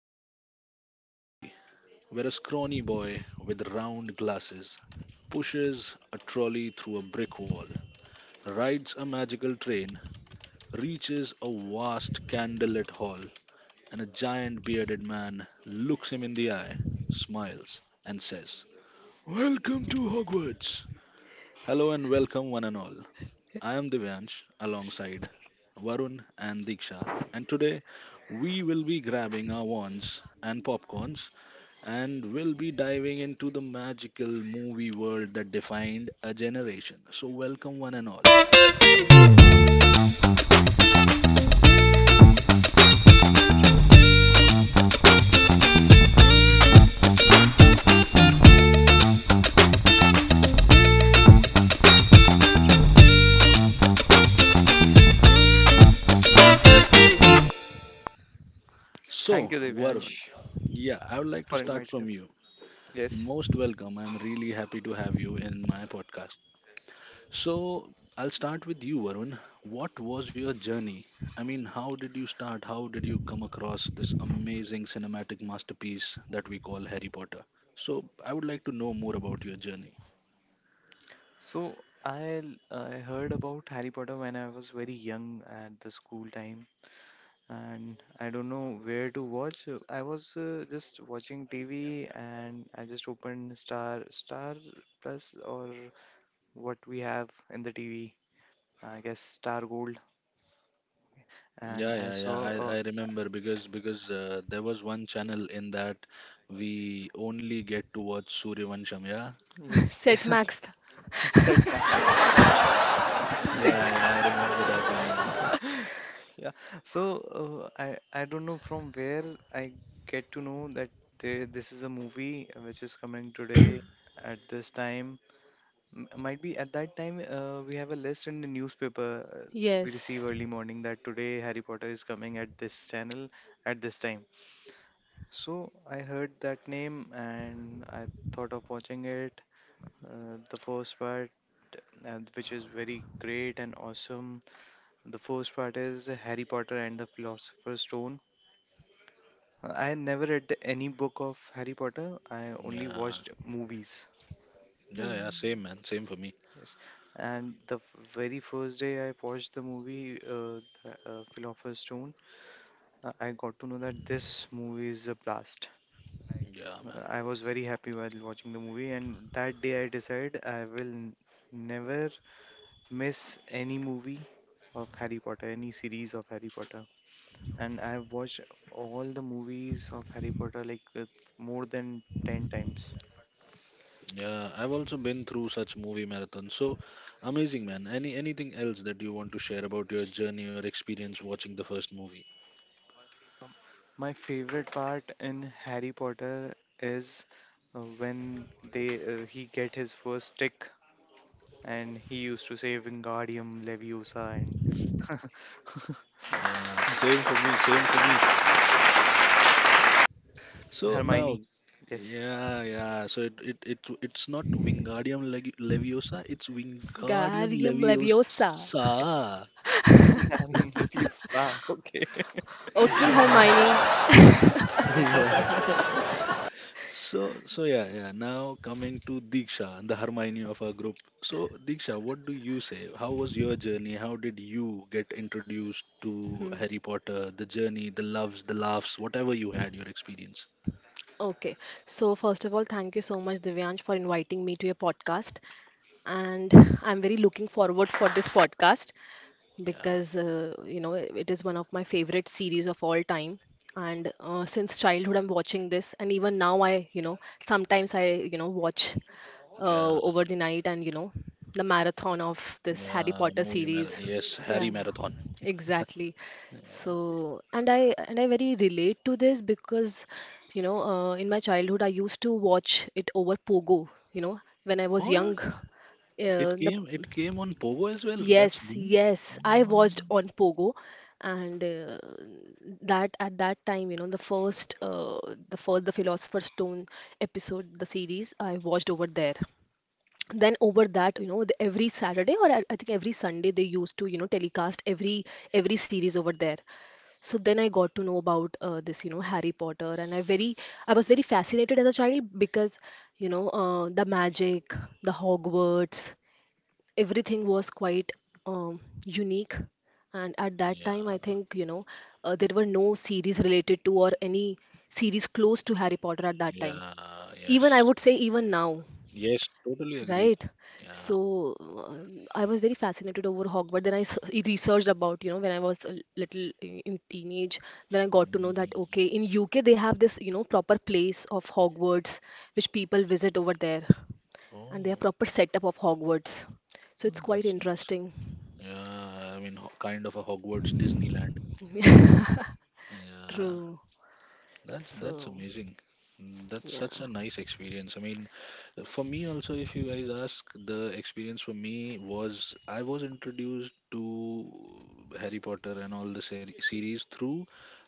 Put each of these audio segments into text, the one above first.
is seared into my memory where a scrawny boy with round glasses pushes a trolley through a brick wall, rides a magical train, reaches a vast candlelit hall, and a giant bearded man looks him in the eye, smiles, and says, "Welcome to Hogwarts!" Hello and welcome, one and all. I am Divyansh alongside Varun and Diksha, and today we will be grabbing our wands and popcorns and we'll be diving into the magical movie world that defined a generation. So, welcome one and all. So, Thank you, Varun, Divyansh, yeah, I would like to for start inviting from us. you. Yes. Most welcome. I'm really happy to have you in my podcast. So I'll start with you, Varun. What was your journey? How did you start? How did you come across this amazing cinematic masterpiece that we call Harry Potter? So I would like to know more about your journey. So I heard about Harry Potter when I was very young at the school time, and I don't know where to watch. I was just watching TV, and I just opened Star Plus or what we have in the TV. I guess Star Gold, and Yeah, I yeah, yeah. saw I, uh, I remember because there was one channel in that we only get to watch Suryavansham. Yeah, yes, Set yes, Max. Set Max. yeah, yeah. I remember that one. Yeah, Yeah. So I don't know from where I get to know that there this is a movie which is coming today at this time. Might be at that time we have a list in the newspaper uh, we receive Yes. early morning that today Harry Potter is coming at this channel at this time. So I heard that name and I thought of watching it. The first part which is very great and awesome. The first part is Harry Potter and the Philosopher's Stone. I never read any book of Harry Potter. I only yeah, watched movies. yeah, yeah. Same Hmm. man, same for me. Yes, and the very first day I watched the movie, the Philosopher's Stone, I got to know that this movie is a blast. Yeah, man. I was very happy while watching the movie, and that day I decided I will never miss any movie of Harry Potter, any series of Harry Potter. And I've watched all the movies of Harry Potter like more than 10 times. Yeah, I've also been through such movie marathons. So amazing, man. Anything else that you want to share about your journey or experience watching the first movie? My favorite part in Harry Potter is when they he get his first stick and he used to say Wingardium Leviosa and Yeah, same for me, same for me. So Hermione. now, Yes, yeah, yeah. So it's not Wingardium Legi- Leviosa, it's Wingardium Wingardium Leviosa. it's Leviosa. Wingardium Leviosa. Okay, Okay, Hermione. Yeah. So yeah, yeah. Now coming to Diksha, the Hermione of our group. So, Diksha, what do you say? How was your journey? How did you get introduced to Hmm. Harry Potter? The journey, the loves, the laughs, whatever you had, your experience. Okay. So, first of all, thank you so much, Divyansh, for inviting me to your podcast. And I'm very looking forward for this podcast Yeah, because, it is one of my favorite series of all time. And since childhood, I'm watching this. And even now, I sometimes I watch yeah, over the night and, the marathon of this Harry yeah. Potter Movie marathon. series. Yes, Yeah, Harry marathon. exactly. Yeah. So, and I very relate to this because, in my childhood I used to watch it over Pogo, when I was What? young. The It came on Pogo as well. yes, That's new. yes, I No. watched on Pogo, and that at that time, the first the Philosopher's Stone episode, the series I watched over there. Then over that, the every Saturday or I think every Sunday they used to, telecast every series over there. So then I got to know about this, Harry Potter, and I was very fascinated as a child because, the magic, the Hogwarts, everything was quite um, unique. And at that time, Yeah, I think, there were no series related to or any series close to Harry Potter at that time, yeah, even I yes, would say even now. yes. Totally agree. Right. Yeah. So I was very fascinated over Hogwarts. Then I researched about, when I was a little in teenage, then I got to know Mm. that, okay, in UK they have this, proper place of Hogwarts, which people visit over there, and they have Oh. proper setup of Hogwarts. So Well, it's quite that's nice. interesting. Yeah, kind of a Hogwarts Disneyland. Yeah, True. that's So, amazing. Mm, that's such a yeah. nice experience. I mean, for me also, if you guys ask, the experience for me was I was introduced to Harry Potter and all the series through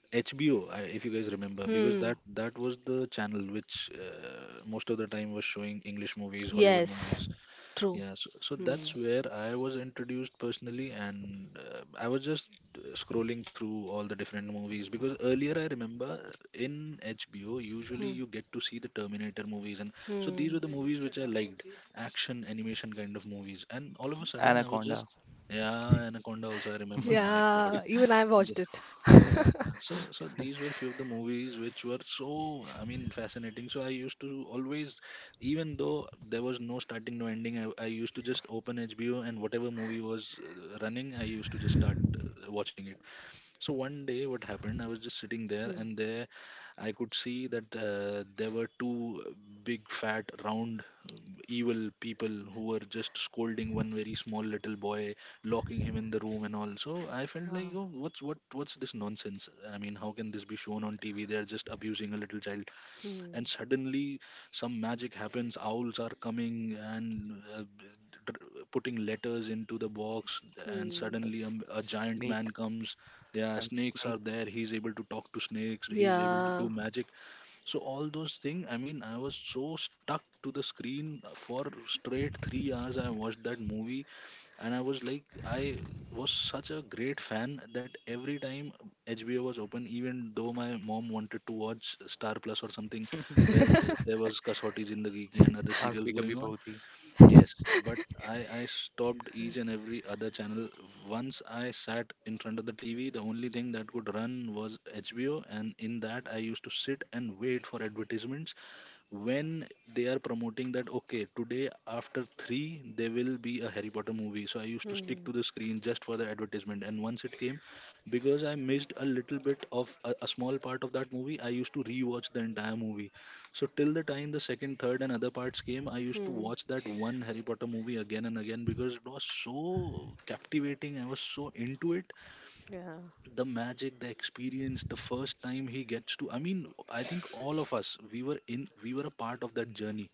HBO, if you guys remember, because Hmm. that was the channel which most of the time was showing English movies, Hollywood Yes. movies. True. Yeah, so Hmm. that's where I was introduced personally, and I was just scrolling through all the different movies because earlier I remember in HBO, usually Hmm. you get to see the Terminator movies, and so these were Hmm. the movies which I liked, action, animation kind of movies. And all of a sudden, I was Anaconda, just, yeah, Anaconda also, I remember, my God. Yeah. Even I Th- watched it. Yeah, so these were few of the movies which were so I mean fascinating. So I used to always, even though there was no starting, no ending, I used to just open HBO and whatever movie was running, I used to just start watching. So one day, what happened? I was just sitting there, Hmm. and there I could see that there were two big, fat, round, evil people who were just scolding one very small little boy, locking him in the room, and all. So I felt like, oh, what's this nonsense? I mean, how can this be shown on TV? They're just abusing a little child, and suddenly some magic happens, owls are coming and putting letters into the box, and Hmm. suddenly S- a giant man snake, comes, yeah, and snakes are snake. there, he's able to talk to snakes, he's able to Mhm. do Yeah. magic. So all those things, I mean, I was so stuck to the screen. For straight 3 hours I watched that movie, and I was like, I was such a great fan that every time HBO was open, even though my mom wanted to watch Star Plus or something where there was Kasauti Zindagi Ki and other Saans serials bhi going kabhi on, bahut thi. yes, but I stopped each and every other channel. Once I sat in front of the TV, the only thing that could run was HBO, and in that I used to sit and wait for advertisements when they are promoting that okay today after 3 there will be a Harry Potter movie. So I used to stick to Hmm. the screen just for the advertisement, and once it came, because I missed a little bit of a small part of that movie, I used to rewatch the entire movie. So till the time the second, third and other parts came, I used to Hmm. watch that one Harry Potter movie again and again because it was so captivating. I was so into it, Yeah. the magic, the experience, the first time he gets to, I mean, I think all of us, we were a part of that journey.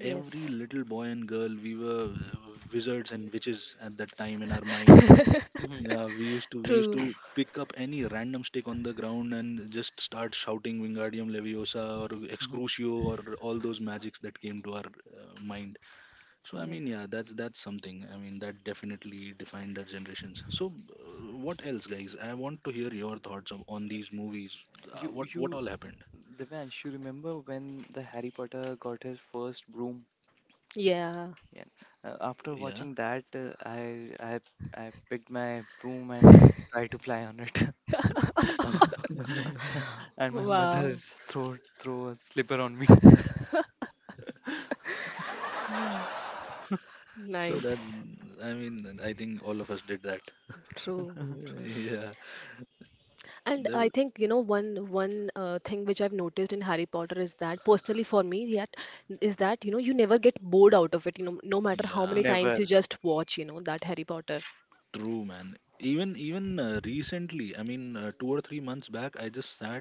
Every little boy and girl, we were wizards and witches at that time in our mind. Mhm, Yeah, we used True. to pick up any random stick on the ground and just start shouting Wingardium Leviosa or mhm. Excrucio or all those magics that came to our mind. So I mean, yeah, that's something. I mean, that definitely defined our generations. So, what else, guys? I want to hear your thoughts of, on these movies. Uh, You what what you all happened? Devansh, you remember when the Harry Potter got his first broom? Yeah. Yeah. After Yeah. watching that, I picked my broom and tried to fly on it, and my mother Wow. throw a slipper on me. So that's. Nice. I mean, I think all of us did that. True. True. Yeah. And There was. I think, one thing which I've noticed in Harry Potter is that, personally for me, yet, is that, you never get bored out of it, no matter how many Yeah. times Never. you just watch, that Harry Potter. True, man. Even even recently, I mean, 2 or 3 months back, I just sat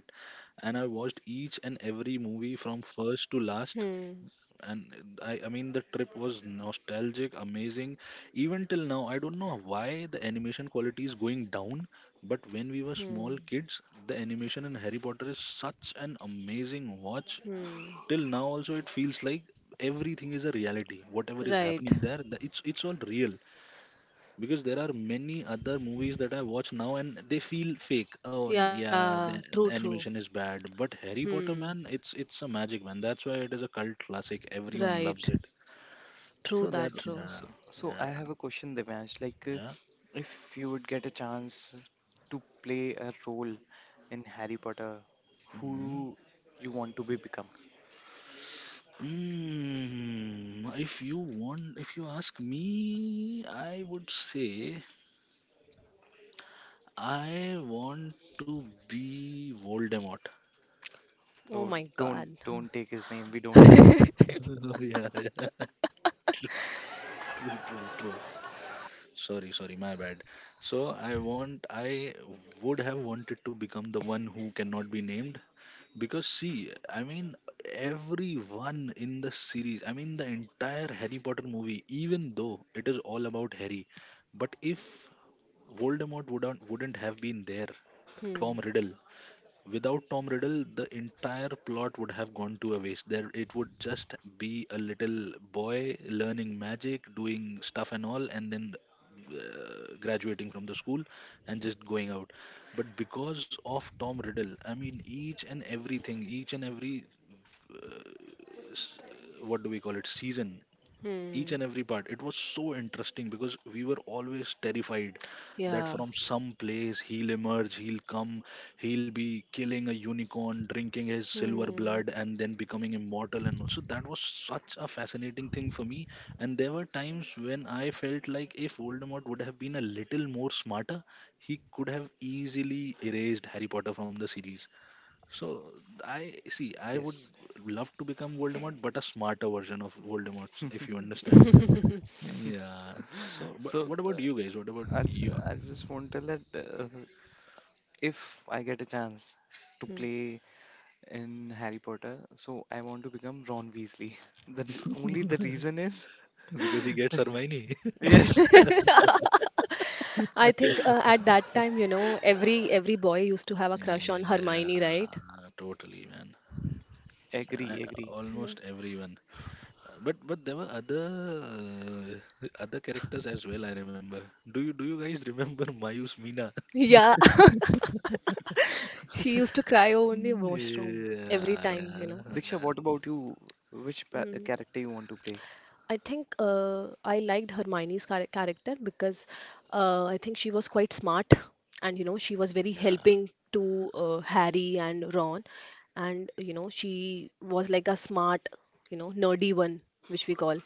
and I watched each and every movie from first to last, Hmm. and the trip was nostalgic, amazing. Even till now I don't know why the animation quality is going down, but when we were small Hmm. kids the animation in Harry Potter is such an amazing watch. Hmm. Till now also it feels like everything is a reality, whatever is Right. happening there, it's all real, because there are many other movies that I watch now and they feel fake. Oh, Yeah. yeah, the, True, the true. animation is bad, but Harry Hmm. Potter, man, it's a magic, man. That's why it is a cult classic, everyone Right. loves it. True So that, So that's true. yeah, so so I yeah, have a question, Devansh. Like, yeah. if you would get a chance to play a role in Harry Potter, who Mm. you want to be become? Mm, if you want, if you ask me, I would say I want to be Voldemort. Oh Oh, my don't God. don't take his name. We don't take. Oh, yeah, yeah. True, true, true. Sorry, sorry, my bad. So I want, I would have wanted to become the one who cannot be named. Because see, I mean, everyone in the series, I mean, the entire Harry Potter movie, even though it is all about Harry, but if Voldemort wouldn't have been there, Hmm. Tom Riddle, without Tom Riddle, the entire plot would have gone to a waste. There, it would just be a little boy learning magic, doing stuff and all, and then graduating from the school and just going out. But because of Tom Riddle, I mean, each and everything, each and every s- what do we call it, season, each Hmm. and every part, it was so interesting because we were always terrified that Yeah. from some place he'll emerge, he'll come, he'll be killing a unicorn, drinking his silver Hmm. blood and then becoming immortal. And also, that was such a fascinating thing for me. And there were times when I felt like if Voldemort would have been a little more smarter, he could have easily erased Harry Potter from the series. So I see, I would Yes. love to become Voldemort, but a smarter version of Voldemort, if you understand. Yeah. So, but So what about you guys? What about you? I just want to let. Uh, if I get a chance to play in Harry Potter, so I want to become Ron Weasley. The only the reason is Because he gets Hermione. yes, I think at that time, every boy used to have a crush on Yeah, Hermione, right? totally, man. I, agree, agree. almost everyone. But there were other characters as well, I remember. Do you guys remember Mayus Mina? Yeah. She used to cry over in the washroom every Yeah, time, yeah, Diksha, yeah, what about you? Which know. character you want to play? I think I liked Hermione's character because I think she was quite smart, and she was very yeah. helping to Harry and Ron. And she was like a smart, nerdy one, which we call.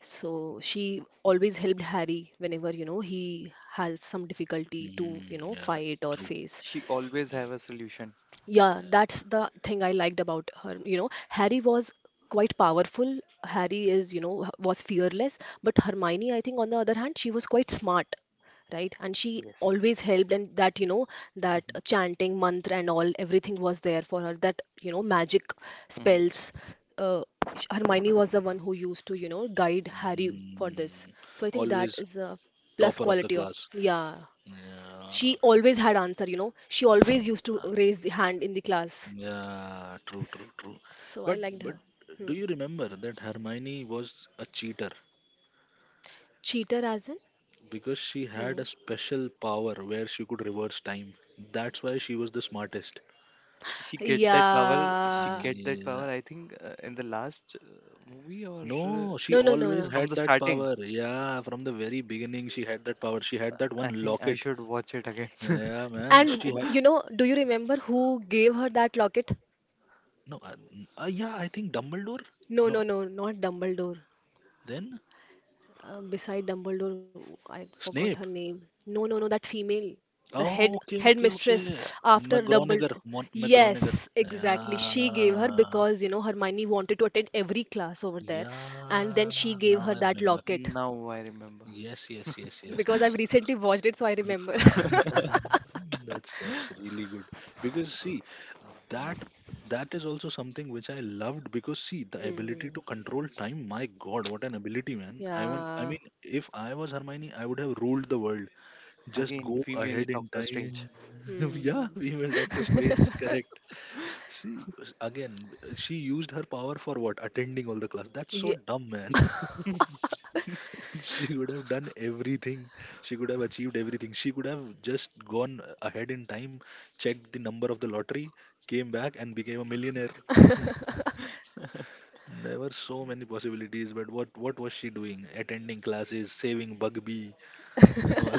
So she always helped Harry whenever, he has some difficulty to, Mm, yeah, fight or true. face. She always have Yeah. a solution. Yeah, that's the thing I liked about her. You know, Harry was quite powerful. Harry is, was fearless. But Hermione, I think, on the other hand, she was quite smart, right? And she Yes. always helped, and that, that Mhm, chanting mantra and all, everything was there for her. That, magic mhm. spells. Uh, Hermione was the one who used to, guide Harry for this. Mm, So I think that always is a plus topper of the quality of, class. yeah. She Yeah. always had answer, She always used to raise the hand in the class. Yeah, true, true, true. So I But liked her. do Hmm. you remember that Hermione was a cheater Cheater as in? because she had Hmm. a special power where she could reverse time. That's why she was the smartest. She get that power. She Yeah. get that Yeah. power. I think in the last movie or No, she No, no, no, always no. from had the that starting. power. Yeah, from the very beginning she had that power. She had that I one think I locket. should watch it again. Yeah, man. And She had you know, do you remember who gave her that locket? no. Yeah, I think Dumbledore. No, No, no, no, not Dumbledore. then Beside Dumbledore, I forgot her Snape. name. No, no, no, that female, the Oh, okay, okay, okay. headmistress after McGregor, Dumbledore. McGregor. Yes, exactly. She gave her Yeah, because, you know, Hermione wanted to attend every class over there, and then yeah. she gave Now her I that remember. locket. Now I remember. Yes, yes, yes, yes, Because I've yes. recently watched it, so I remember. Mhm, that's really good because see that that is also something which I loved, because see the ability to control time. My God, what an ability, man! I want. I Yeah, mean, if I was Hermione, I would have ruled the world. Just Again, go female ahead in Doctor Strange. time. Yeah, female Doctor Strange, correct. See, again, she used her power for what? Attending all the class. That's yeah, so dumb, man. She would have done everything. She could have achieved everything. She could have just gone ahead in time, checked the number of the lottery, came back and became a millionaire. There were so many possibilities, but what was she doing? Attending classes, saving Bugby and all.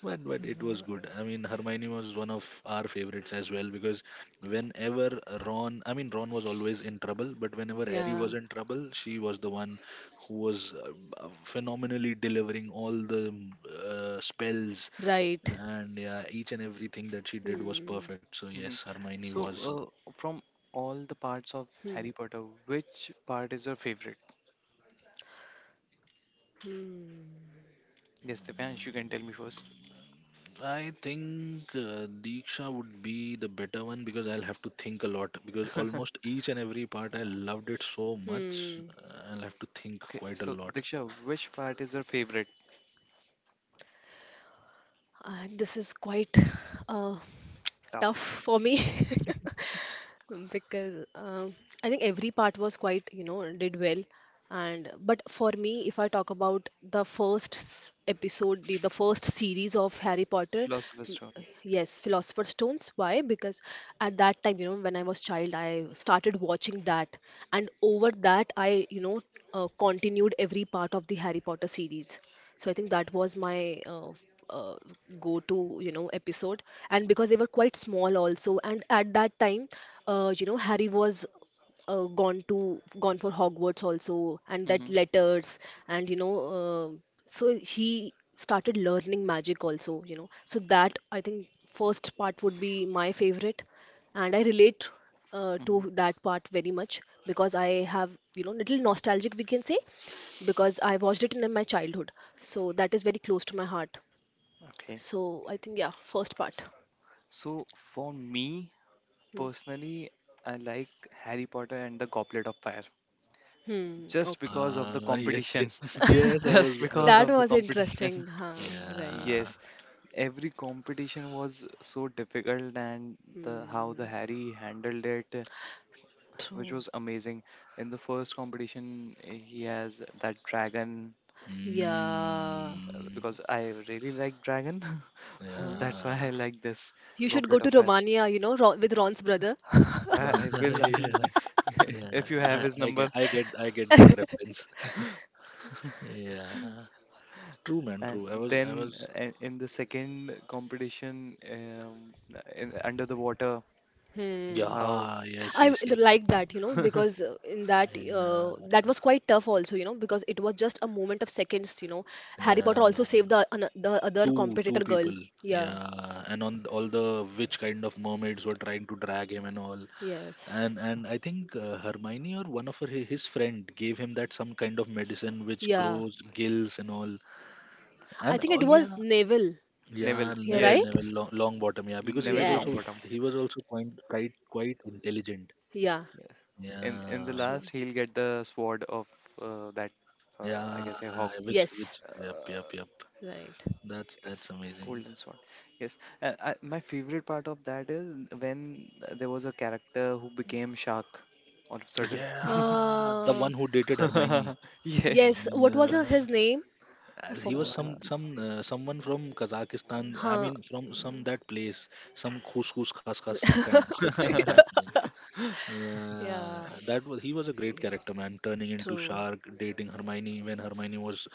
But it was good. I mean, Hermione was one of our favorites as well because whenever Ron, I mean, Ron was always in trouble, but whenever Harry yeah. was in trouble, she was the one who was phenomenally delivering all the spells, Right. and yeah, each and everything that she did was Hmm. perfect. So, yes, Mhm. Hermione So, was. From all the parts of Hmm. Harry Potter, which part is your favorite? Yes, Divyansh, you can tell me first. I think Deeksha would be the better one, because I'll have to think a lot, because almost each and every part I loved it so much. Hmm. I'll have to think Okay, quite a so lot. Diksha, which part is your favorite? This is quite uh, tough Tough for me because I think every part was quite, did well. And but for me, if I talk about the episode, the first series of Harry Potter, Philosopher's m- Stone. yes, Philosopher's Stones. Why? Because at that time, when I was child, I started watching that, and over that, I continued every part of the Harry Potter series. So I think that was my uh, go-to, episode. And because they were quite small also, and at that time, you know, Harry was gone for Hogwarts also, and that Mm-hmm. letters, and so he started learning magic also, So that, I think, first part would be my favorite, and I relate Mm-hmm. to that part very much because I have, little nostalgic, we can say, because I watched it in my childhood. So that is very close to my heart. Okay. So I think, yeah, first part. S- So, for me Hmm. personally, I like Harry Potter and the Goblet of Fire Hmm. just Okay. because of Ah, the yes, competition. yes, yes. Just because That of the was competition. interesting. Huh, right. yeah, Yes, every competition was so difficult and the how the Hmm. harry handled it which True. was amazing. In the first competition he has that dragon Yeah. Mm, because I really like dragon, Oh. that's why I yeah, like this You should go goblet to of fire. Romania, you know, Ron, with Ron's brother. i Uh, I will i will yeah, yeah. if you have I, his I number. get, I get, I get that reference. Yeah, true, man, And true. Then in the second competition under the water Hmm. how Yeah, yes, yes, yes. Like that, because in that that Yeah, was quite tough also, because it was just a moment of seconds, Harry Potter yeah. also saved the the other Two competitor girl. people. Yeah. Yeah, and on all the which kind of mermaids were trying to drag him and all. Yes. And I think Hermione or one of his friend gave him that some kind of medicine which Yeah. grows gills and all. I And think oh it was yeah, Naval. yeah, neville, Yeah, Neville, yes, right? Neville, long bottom, yeah, because he was neville also longbottom. Yes. he was also quite intelligent. Yeah. Yes. In the Yeah, last, True. he'll get the sword of uh, that, I yeah, guess, a hog. which Yes. which yep, Uh, yep, yep. Right. That's yes, that's amazing. golden sword. Yes. My favorite part of that is when there was a character who became shark all of a sudden. Yeah, the Uh, one who dated Hermione. Yes. yes. What was Yeah, his name? I as he was forgot. some Uh, some uh, someone from Kazakhstan. I Huh. mean, from some that place, some khus khus khas khas, some kind, some that name. Yeah, Yeah. that was he was a great character, man. Turning into True. shark, dating Hermione when Hermione was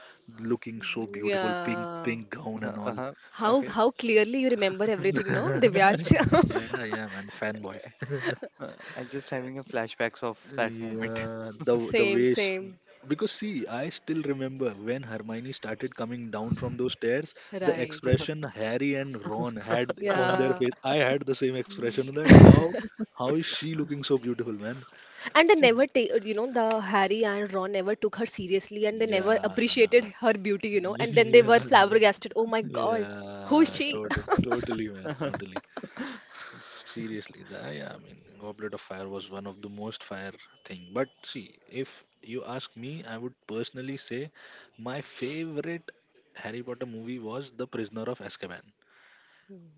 looking so beautiful, pink Yeah. pink gown uh, and all. uh-huh. How Okay. how clearly you remember everything, no, Divyansh? Yeah, yeah, man, fanboy. Uh, I'm just having a flashbacks of that moment. Yeah, the Same, way sh same. because see, I still remember when Hermione started coming down from those stairs, the Right. expression Harry and Ron had on their Yeah. face. I had the same expression: that how is she looking so beautiful, man? And they never take, the Harry and Ron never took her seriously, and they never Yeah, appreciated her beauty, And then they were yeah, flabbergasted. Oh my God, who is yeah, she? Totally, man, totally. Seriously, yeah, I mean, Goblet of Fire was one of the most fire thing. But see, if you ask me, I would personally say my favorite Harry Potter movie was The Prisoner of Azkaban.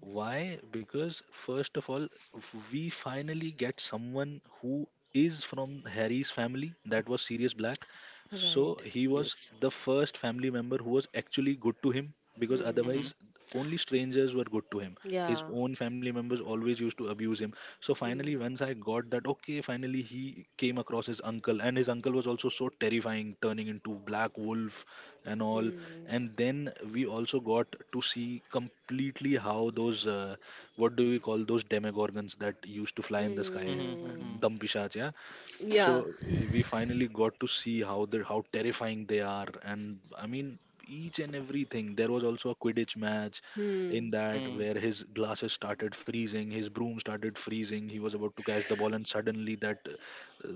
Why? Because first of all, we finally get someone who is from Harry's family. That was Sirius Black. So Right. he was Yes. the first family member who was actually good to him, because Hmm. Mm-hmm. otherwise only strangers were good to him. His Yeah. own family members always used to abuse him. So Hmm. finally, once I got that, okay, finally he came across his uncle, and his uncle was also so terrifying, turning into black wolf and all. Hmm. And then we also got to see completely how those what do we call, those demogorgons that used to fly in the sky, Mm-hmm. Hmm. Mm-hmm. dumpishach, yeah. Yeah. So we finally got to see how terrifying they are, and I mean each and everything. There was also a Quidditch match in Hmm. that Mm. where his glasses started freezing, his broom started freezing. He was about to catch the ball, and suddenly that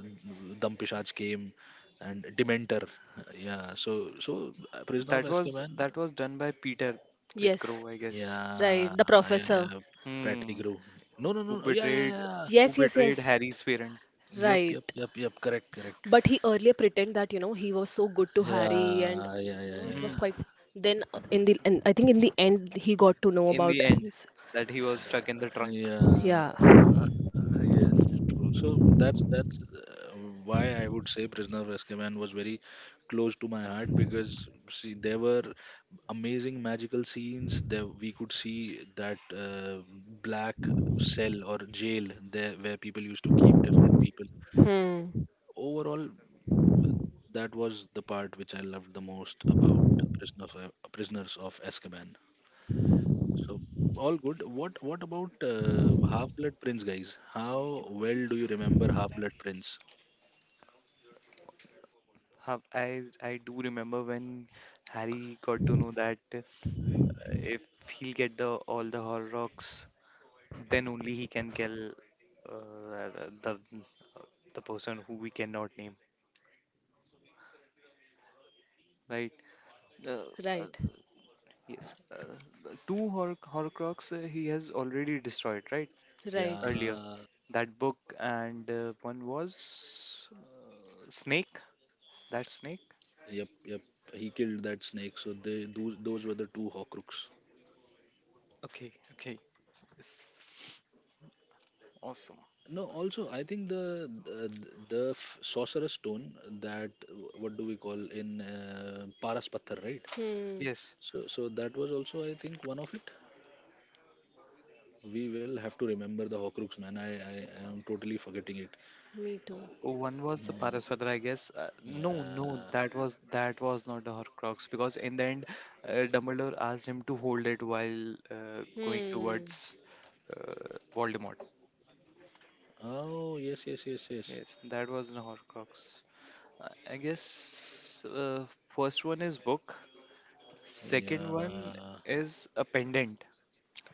Dampishaj came. And Dementor. Yeah, Prisoner of Azkaban. That was done by Peter Yes. Pettigrew, I guess. Yeah, Right. The yeah, professor. yeah. Hmm. Pettigrew. No, no, no. Who No, yeah, yeah, betrayed yeah. who Yes, yes, betrayed yes. Harry's parent, Yep, Right. yep, yep, yep. Correct, correct. But he earlier pretended that, he was so good to Harry, and, Yeah, yeah, yeah, yeah, it was yeah. hmm, quite. Then in the and I think in the end he got to in know the about end his. that he was stuck in the trunk. yeah. Yeah. Yes, true. So that's why I would say Prisoner of Azkaban was very close to my heart, because see, there were amazing magical scenes there. We could see that uh, black cell or jail there where people used to keep different people. Hmm. Overall, that was the part which I loved the most about prisoner of, Prisoners of Azkaban. So all good. What about Half Blood Prince, guys? How well do you remember Half Blood Prince? Huh, I do remember when Harry got to know that if he'll get the all the Horrocks, then only he can kill the person who we cannot name, right? Uh, uh, Right. yes, the two Horcrux he has already destroyed, right? Right. Earlier, Yeah, that book and one was Snake. That snake? yep, yep. He killed that snake. So they those were the two Horcrux. Okay, okay. Yes, awesome. No, also I think the sorcerer's stone, that what do we call in Paras Patthar, right? Hmm. Yes. So that was also, I think, one of it. We will have to remember the Horcrux, man. I am totally forgetting it. Me too. One was the Mm. Paraswara, I guess. No, no, Yeah. that was that was not the Horcrux because in the end, Dumbledore asked him to hold it while going Hmm. towards Voldemort. Oh, yes, yes, yes, yes. Yes, that was the Horcrux. I guess first one is book. Second one Yeah. is a pendant,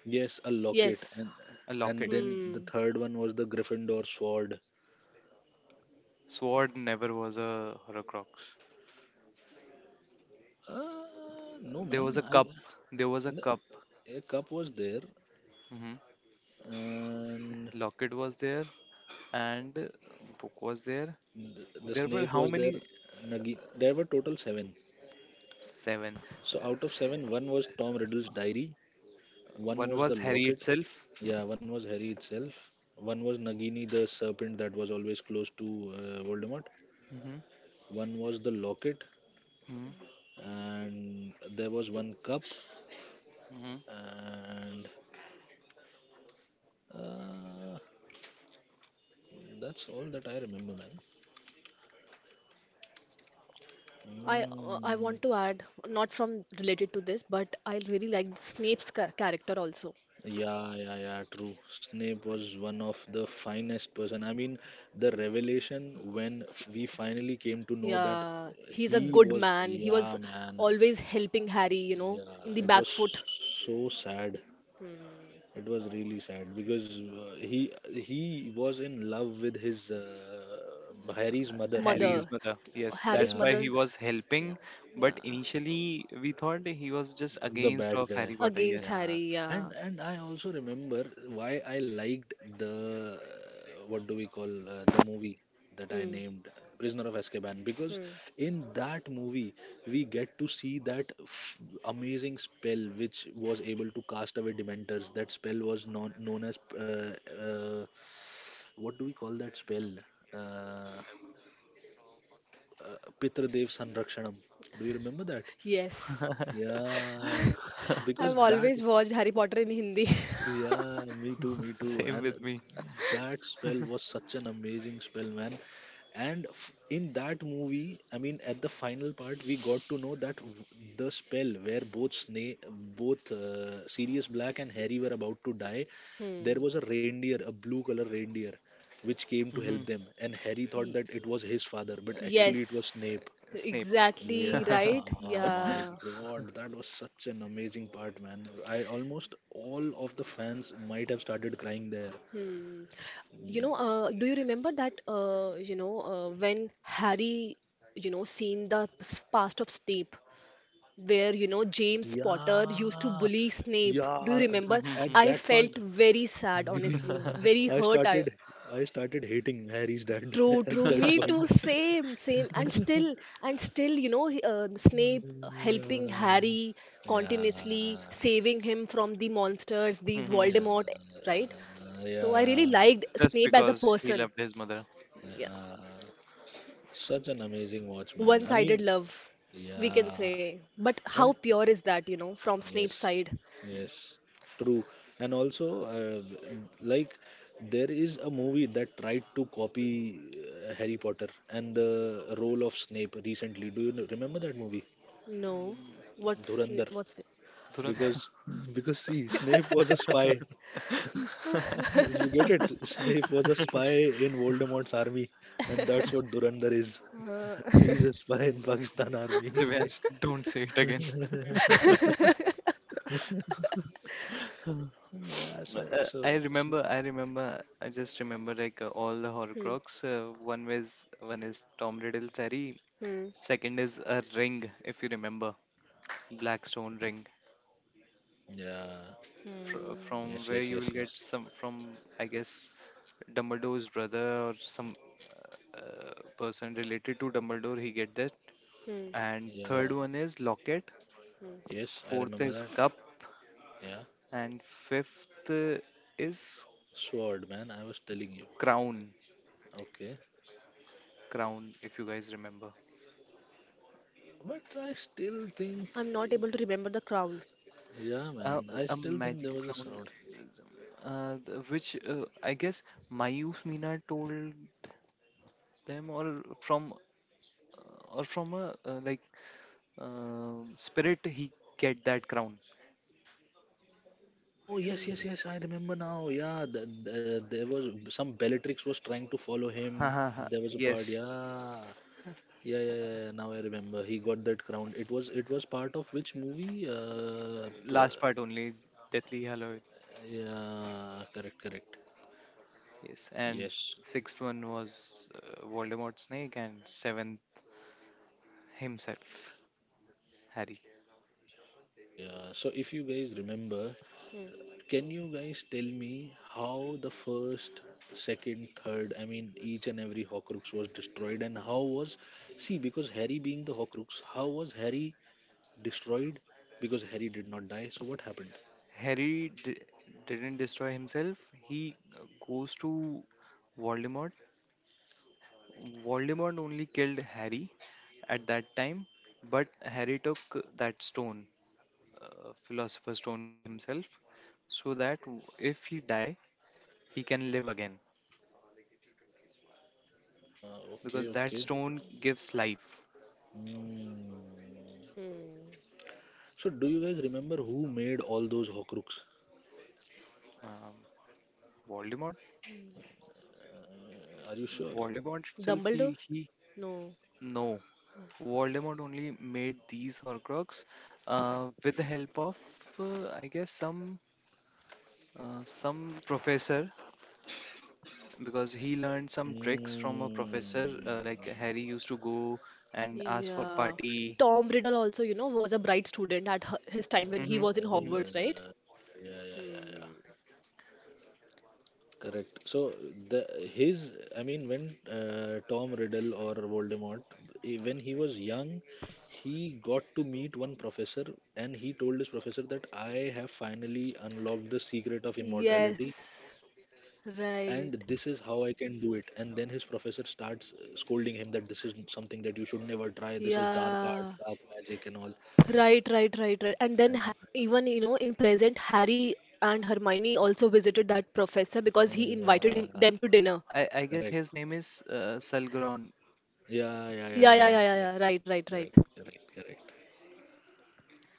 Yes, a locket. Yes. And a and locket. then the Hmm. third one was the Gryffindor sword. Sword never was a Horcrux. Uh, no, There was man. a cup. There was a the, cup. a cup was there, Hmm, and Lockett was there and Book was there. the There were snake how was there. many? Nagi. There were total seven. Seven. So out of seven, one was Tom Riddle's diary, one One was was the Harry locket. itself. Yeah, one was Harry itself. One was Nagini, the serpent that was always close to Voldemort. Hmm, One was the locket, hmm, and there was one cup, hmm. and uh, that's all that I remember, man. I Mm. want to add, not from related to this, but I really like Snape's character also. Yeah, yeah, yeah, true. Snape was one of the finest person. I mean, the revelation when we finally came to know that Yeah, he's a he good was, man. He was yeah, man, always helping Harry, in yeah, the it back was foot. so sad. It was really sad because he was in love with his Harry's mother, Lily. Harry's Mother, mother. Yes, that's Harry's Yeah, why he mother's, was yeah, helping. yeah, But initially, we thought he was just the against bad of guy. Harry Potter. Yes. against Harry. Yeah, and Yeah. and I also remember why I liked the what do we call, the movie that I Hmm. named Prisoner of Azkaban, because Hmm. in that movie we get to see that amazing spell which was able to cast away dementors. That spell was known as uh, what do we call that spell, uh, Pitradev Sanrakshanam. Do you remember that? Yes. Yeah, because I've that. always watched Harry Potter in Hindi. Yeah, me too, me too. Same And with me. that spell was such an amazing spell, man. And in that movie, I mean, at the final part, we got to know that the spell where both Sirius Black and Harry were about to die, there Hmm. was a reindeer, a blue color reindeer, which came to Hmm. help them. And Harry thought Y- that it was his father, but It, actually it was yes, Snape. uh, Snape. exactly right. Yeah, my Yeah. God, that was such an amazing part, man. I almost all of the fans might have started crying there. Hmm. You know, do you remember that, when Harry, seen the past of Snape, where, James Potter used to Yeah, bully Snape? Do you yeah, remember? Mhm. at I that part. felt very sad, honestly, Yeah, very I hurt. I started, I started hating Harry's dad True, true. at that Me point. too. Same, same. And still, Snape helping Harry continuously, Yeah, saving him from the monsters, these Mhm. yeah, Voldemort, right? So I really yeah, yeah, liked Just Snape as a because he person. loved his mother. Yeah. yeah. Such an amazing watch, man. I One-sided mean, love, we can yeah, say. But how and pure is that, you know, from Snape's yes, side? Mm. yes, true. And also, like, there is a movie that tried to copy Harry Potter and the role of Snape recently. Do you remember that movie, No. Mm. What's Dhurandhar? what's the Dhurand- Because, because see, Snape was a spy. You get it? Snape was a spy in Voldemort's army, and that's what Dhurandhar is. uh, He's a spy in Pakistan army. Divyansh, don't say it again. Yeah. So, so, Sn- I remember, I just remember like all the hmm, Horcrux. One was one is Tom Riddle's Harry. hmm, Second is a ring, if you remember, Blackstone ring, yeah. Hmm, from Yes, where yes, you will yes, get yes. some from, I guess, Dumbledore's brother or some uh, person related to Dumbledore. He get that. hmm, And third Yeah. one is locket. hmm. Yes, I Fourth remember is that. cup, Yeah, and fifth is Sword, man, I was telling you. crown. Okay, Crown, if you guys remember. but I still think, I'm not able to remember the crown. yeah, Uh, man, I a still think there magical was a crown, sword. which I guess Mayus Meena told them, or from a like, um, spirit, he get that crown. Oh yes, yes, yes, I remember now. Yeah, there was some Bellatrix was trying to follow Ha him. ha ha. There was a part. Yes, Yeah. Yeah, yeah, yeah, yeah. Now I remember. He got that crown. It was part of which movie? Uh, pr- last part only, Deathly Hallow. yeah, correct, correct. Yes, and Yes. sixth one was Voldemort Snake, and seventh himself, Harry. Yeah. So if you guys remember, Hmm, can you guys tell me how the first, second, third, I mean, each and every Horcrux was destroyed, and how was, see, because Harry being the Horcrux, how was Harry destroyed? Because Harry did not die, so what happened? Harry didn't destroy himself. He goes to Voldemort. Voldemort only killed Harry at that time, but Harry took that stone, Philosopher's Stone, with himself so that if he die, he can live again because Okay, that okay. stone gives life. Hmm. hmm. So, do you guys remember who made all those Horcrux? Um, Voldemort, Are you sure? Voldemort itself, Dumbledore? he No. No, Voldemort only made these Horcrux with the help of, I guess, some professor because he learned some tricks from a professor. Hmm. Like Harry used to go and ask for Yeah. party. Tom Riddle also, you know, was a bright student at his time when he Hmm, was in hmm. Hogwarts, right? Yeah, yeah, yeah, yeah, yeah. Correct. So the his I mean, when Tom Riddle or Voldemort, when he was young, he got to meet one professor, and he told his professor that I have finally unlocked the secret of immortality, Yes. and this Right. is how I can do it. And then his professor starts scolding him that this is something that you should never try. This is dark arts, Yeah. dark magic and all. Right, right, right, right. And then even, you know, in present, Harry and Hermione also visited that professor Yeah, because he invited him yeah, them to dinner. I guess correct. his name is Selgron. Yeah, yeah, yeah, Yeah, yeah, yeah, yeah. yeah, yeah, Correct, yeah. Right, right, right. correct, correct, correct.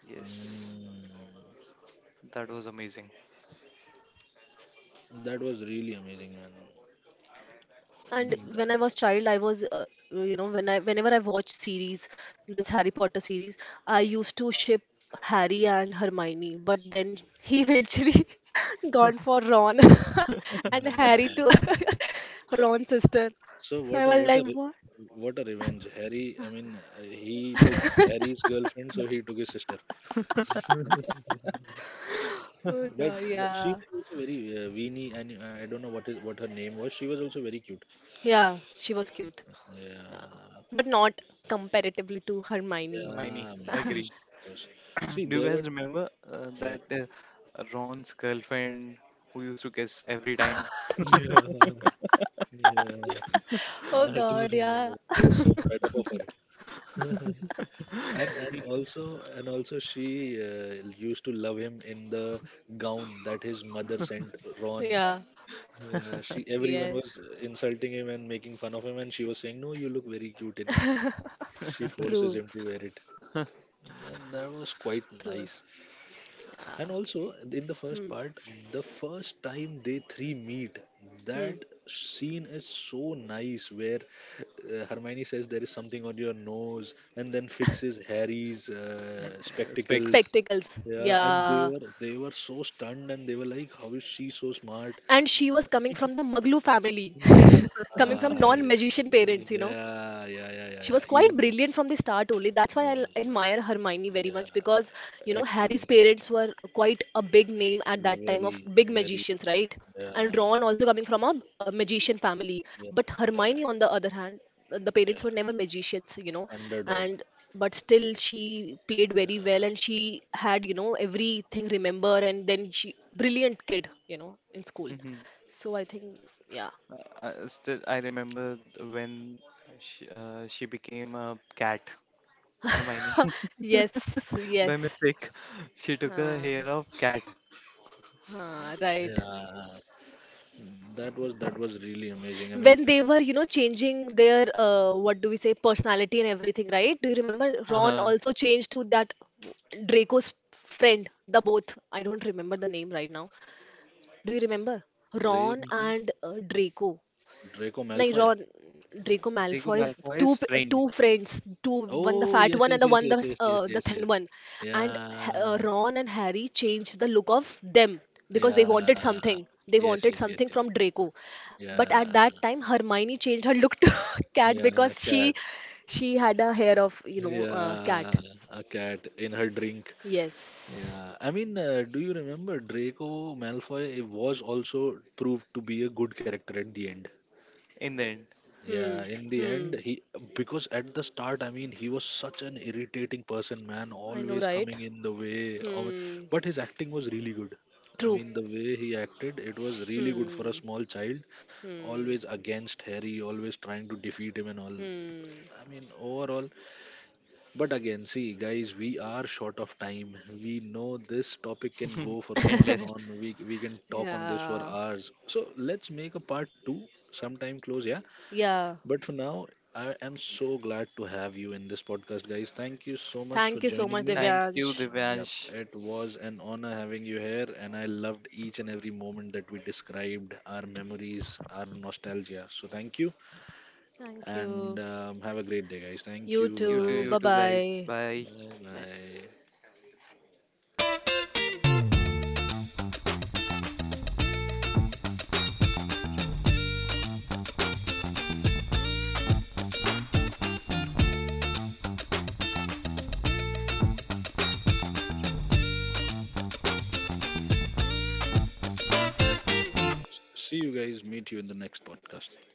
Yes, Mm. that was amazing. That was really amazing, man. And Mm, when I was child, I was, you know, when I whenever I watch series, this Harry Potter series, I used to ship Harry and Hermione, but then he eventually gone for Ron and Harry to yeah. Ron's sister. So So what I a was what a like, re- what? what a revenge. Harry, I mean, he took Harry's girlfriend, so he took his sister. Oh But, God, but she yeah, was also very weenie, and I don't know what her name was. She was also very cute. yeah, she was cute, yeah, Yeah, but not comparatively to Hermione. Hermione, yeah. I mean, yes, agree. of course. See, Do you there were guys remember uh, yeah, that uh, Ron's girlfriend who used to kiss every time? yeah, yeah. Oh I do God, remember. yeah, I was so fed up of her. And also she used to love him in the gown that his mother sent Ron. yeah, Yeah, she everyone was yes, insulting him and making fun of him, and she was saying, "No, you look very cute in it." She forces true, him to wear it, and that was quite true, nice. yeah. And also in the first Hmm. part, the first time they three meet, Hmm. that scene is so nice where Hermione says there is something on your nose and then fixes Harry's Uh, specs. spectacles. Spectacles, Yeah, and they yeah. were they were so stunned, and they were like, "How is she so smart?" And she was coming from the Maglu family, Yeah, coming uh, from non-magician parents, yeah, yeah, yeah, yeah, She yeah. was quite Even then, brilliant from the start only. That's why I yeah, admire Hermione very yeah. much, because, you know, Harry's Actually, parents were quite a big name at that time, of very, big very, magicians, right? And yeah, Ron also coming from a magician family, yeah, but yeah, Hermione, on the other hand, the yeah, parents were yeah. never magicians, you know. Underdog. And but still she played very well, and she had, you know, everything remember, and then she brilliant kid, you know, in school. Mm-hmm. So I think, yeah. Still, I remember when she became a cat, Hermione. Yes, By yes. mistake, she took her Uh, hair of cat. Huh, Yeah. right. Yeah. That was really amazing. I mean, When they were, you know, changing their, what do we say, personality and everything, right? Do you remember? Ron Uh-huh. also changed to that Draco's friend, the both. I don't remember the name right now. Do you remember? Ron Drake Mm-hmm. and Draco. Draco Nahi, Malfoy. Ron, Draco Draco Malfoy's Malfoy's friend two friends, two. One the Oh, fat yes, one, and yes, the yes, one the yes, yes, yes, the yes, thin yes. one. And Yeah. Ron and Harry changed the look of them because they Yeah. wanted something. They Yes, wanted yes, yes, something yes. from Draco, but Yeah. at that time Hermione changed her look to cat, Yeah, a because cat. she had a hair of, you know, Yeah, cat. a cat in her drink. Yes. Yeah. I mean, do you remember Draco Malfoy was also proved to be a good character at the end? in the end. Hmm. Yeah, in the end, Hmm. he because at the start, I mean, he was such an irritating person, man, I know, always right? coming in the way. Hmm. But his acting was really good. I True. mean, the way he acted, it was really good for a Hmm. small child, Hmm. always against Harry, always trying to defeat him and all. Hmm. I mean, overall, but again, see, guys, we are short of time. We know this topic can go for on and Endless. on. We can talk on this for Yeah. hours. So let's make a part two sometime close, yeah, Yeah. but for now, I am so glad to have you in this podcast, guys. Thank you so much for Thank you so joining much, me. Thank you, Divyansh. Yep, Divyansh. it was an honor having you here, and I loved each and every moment that we described, our memories, our nostalgia. So, thank you, Thank and you. Have a great day, guys. Thank You you. You Bye too, too. bye. Bye you too, guys. bye. Bye. Bye Bye. bye. See you guys. Meet you in the next podcast.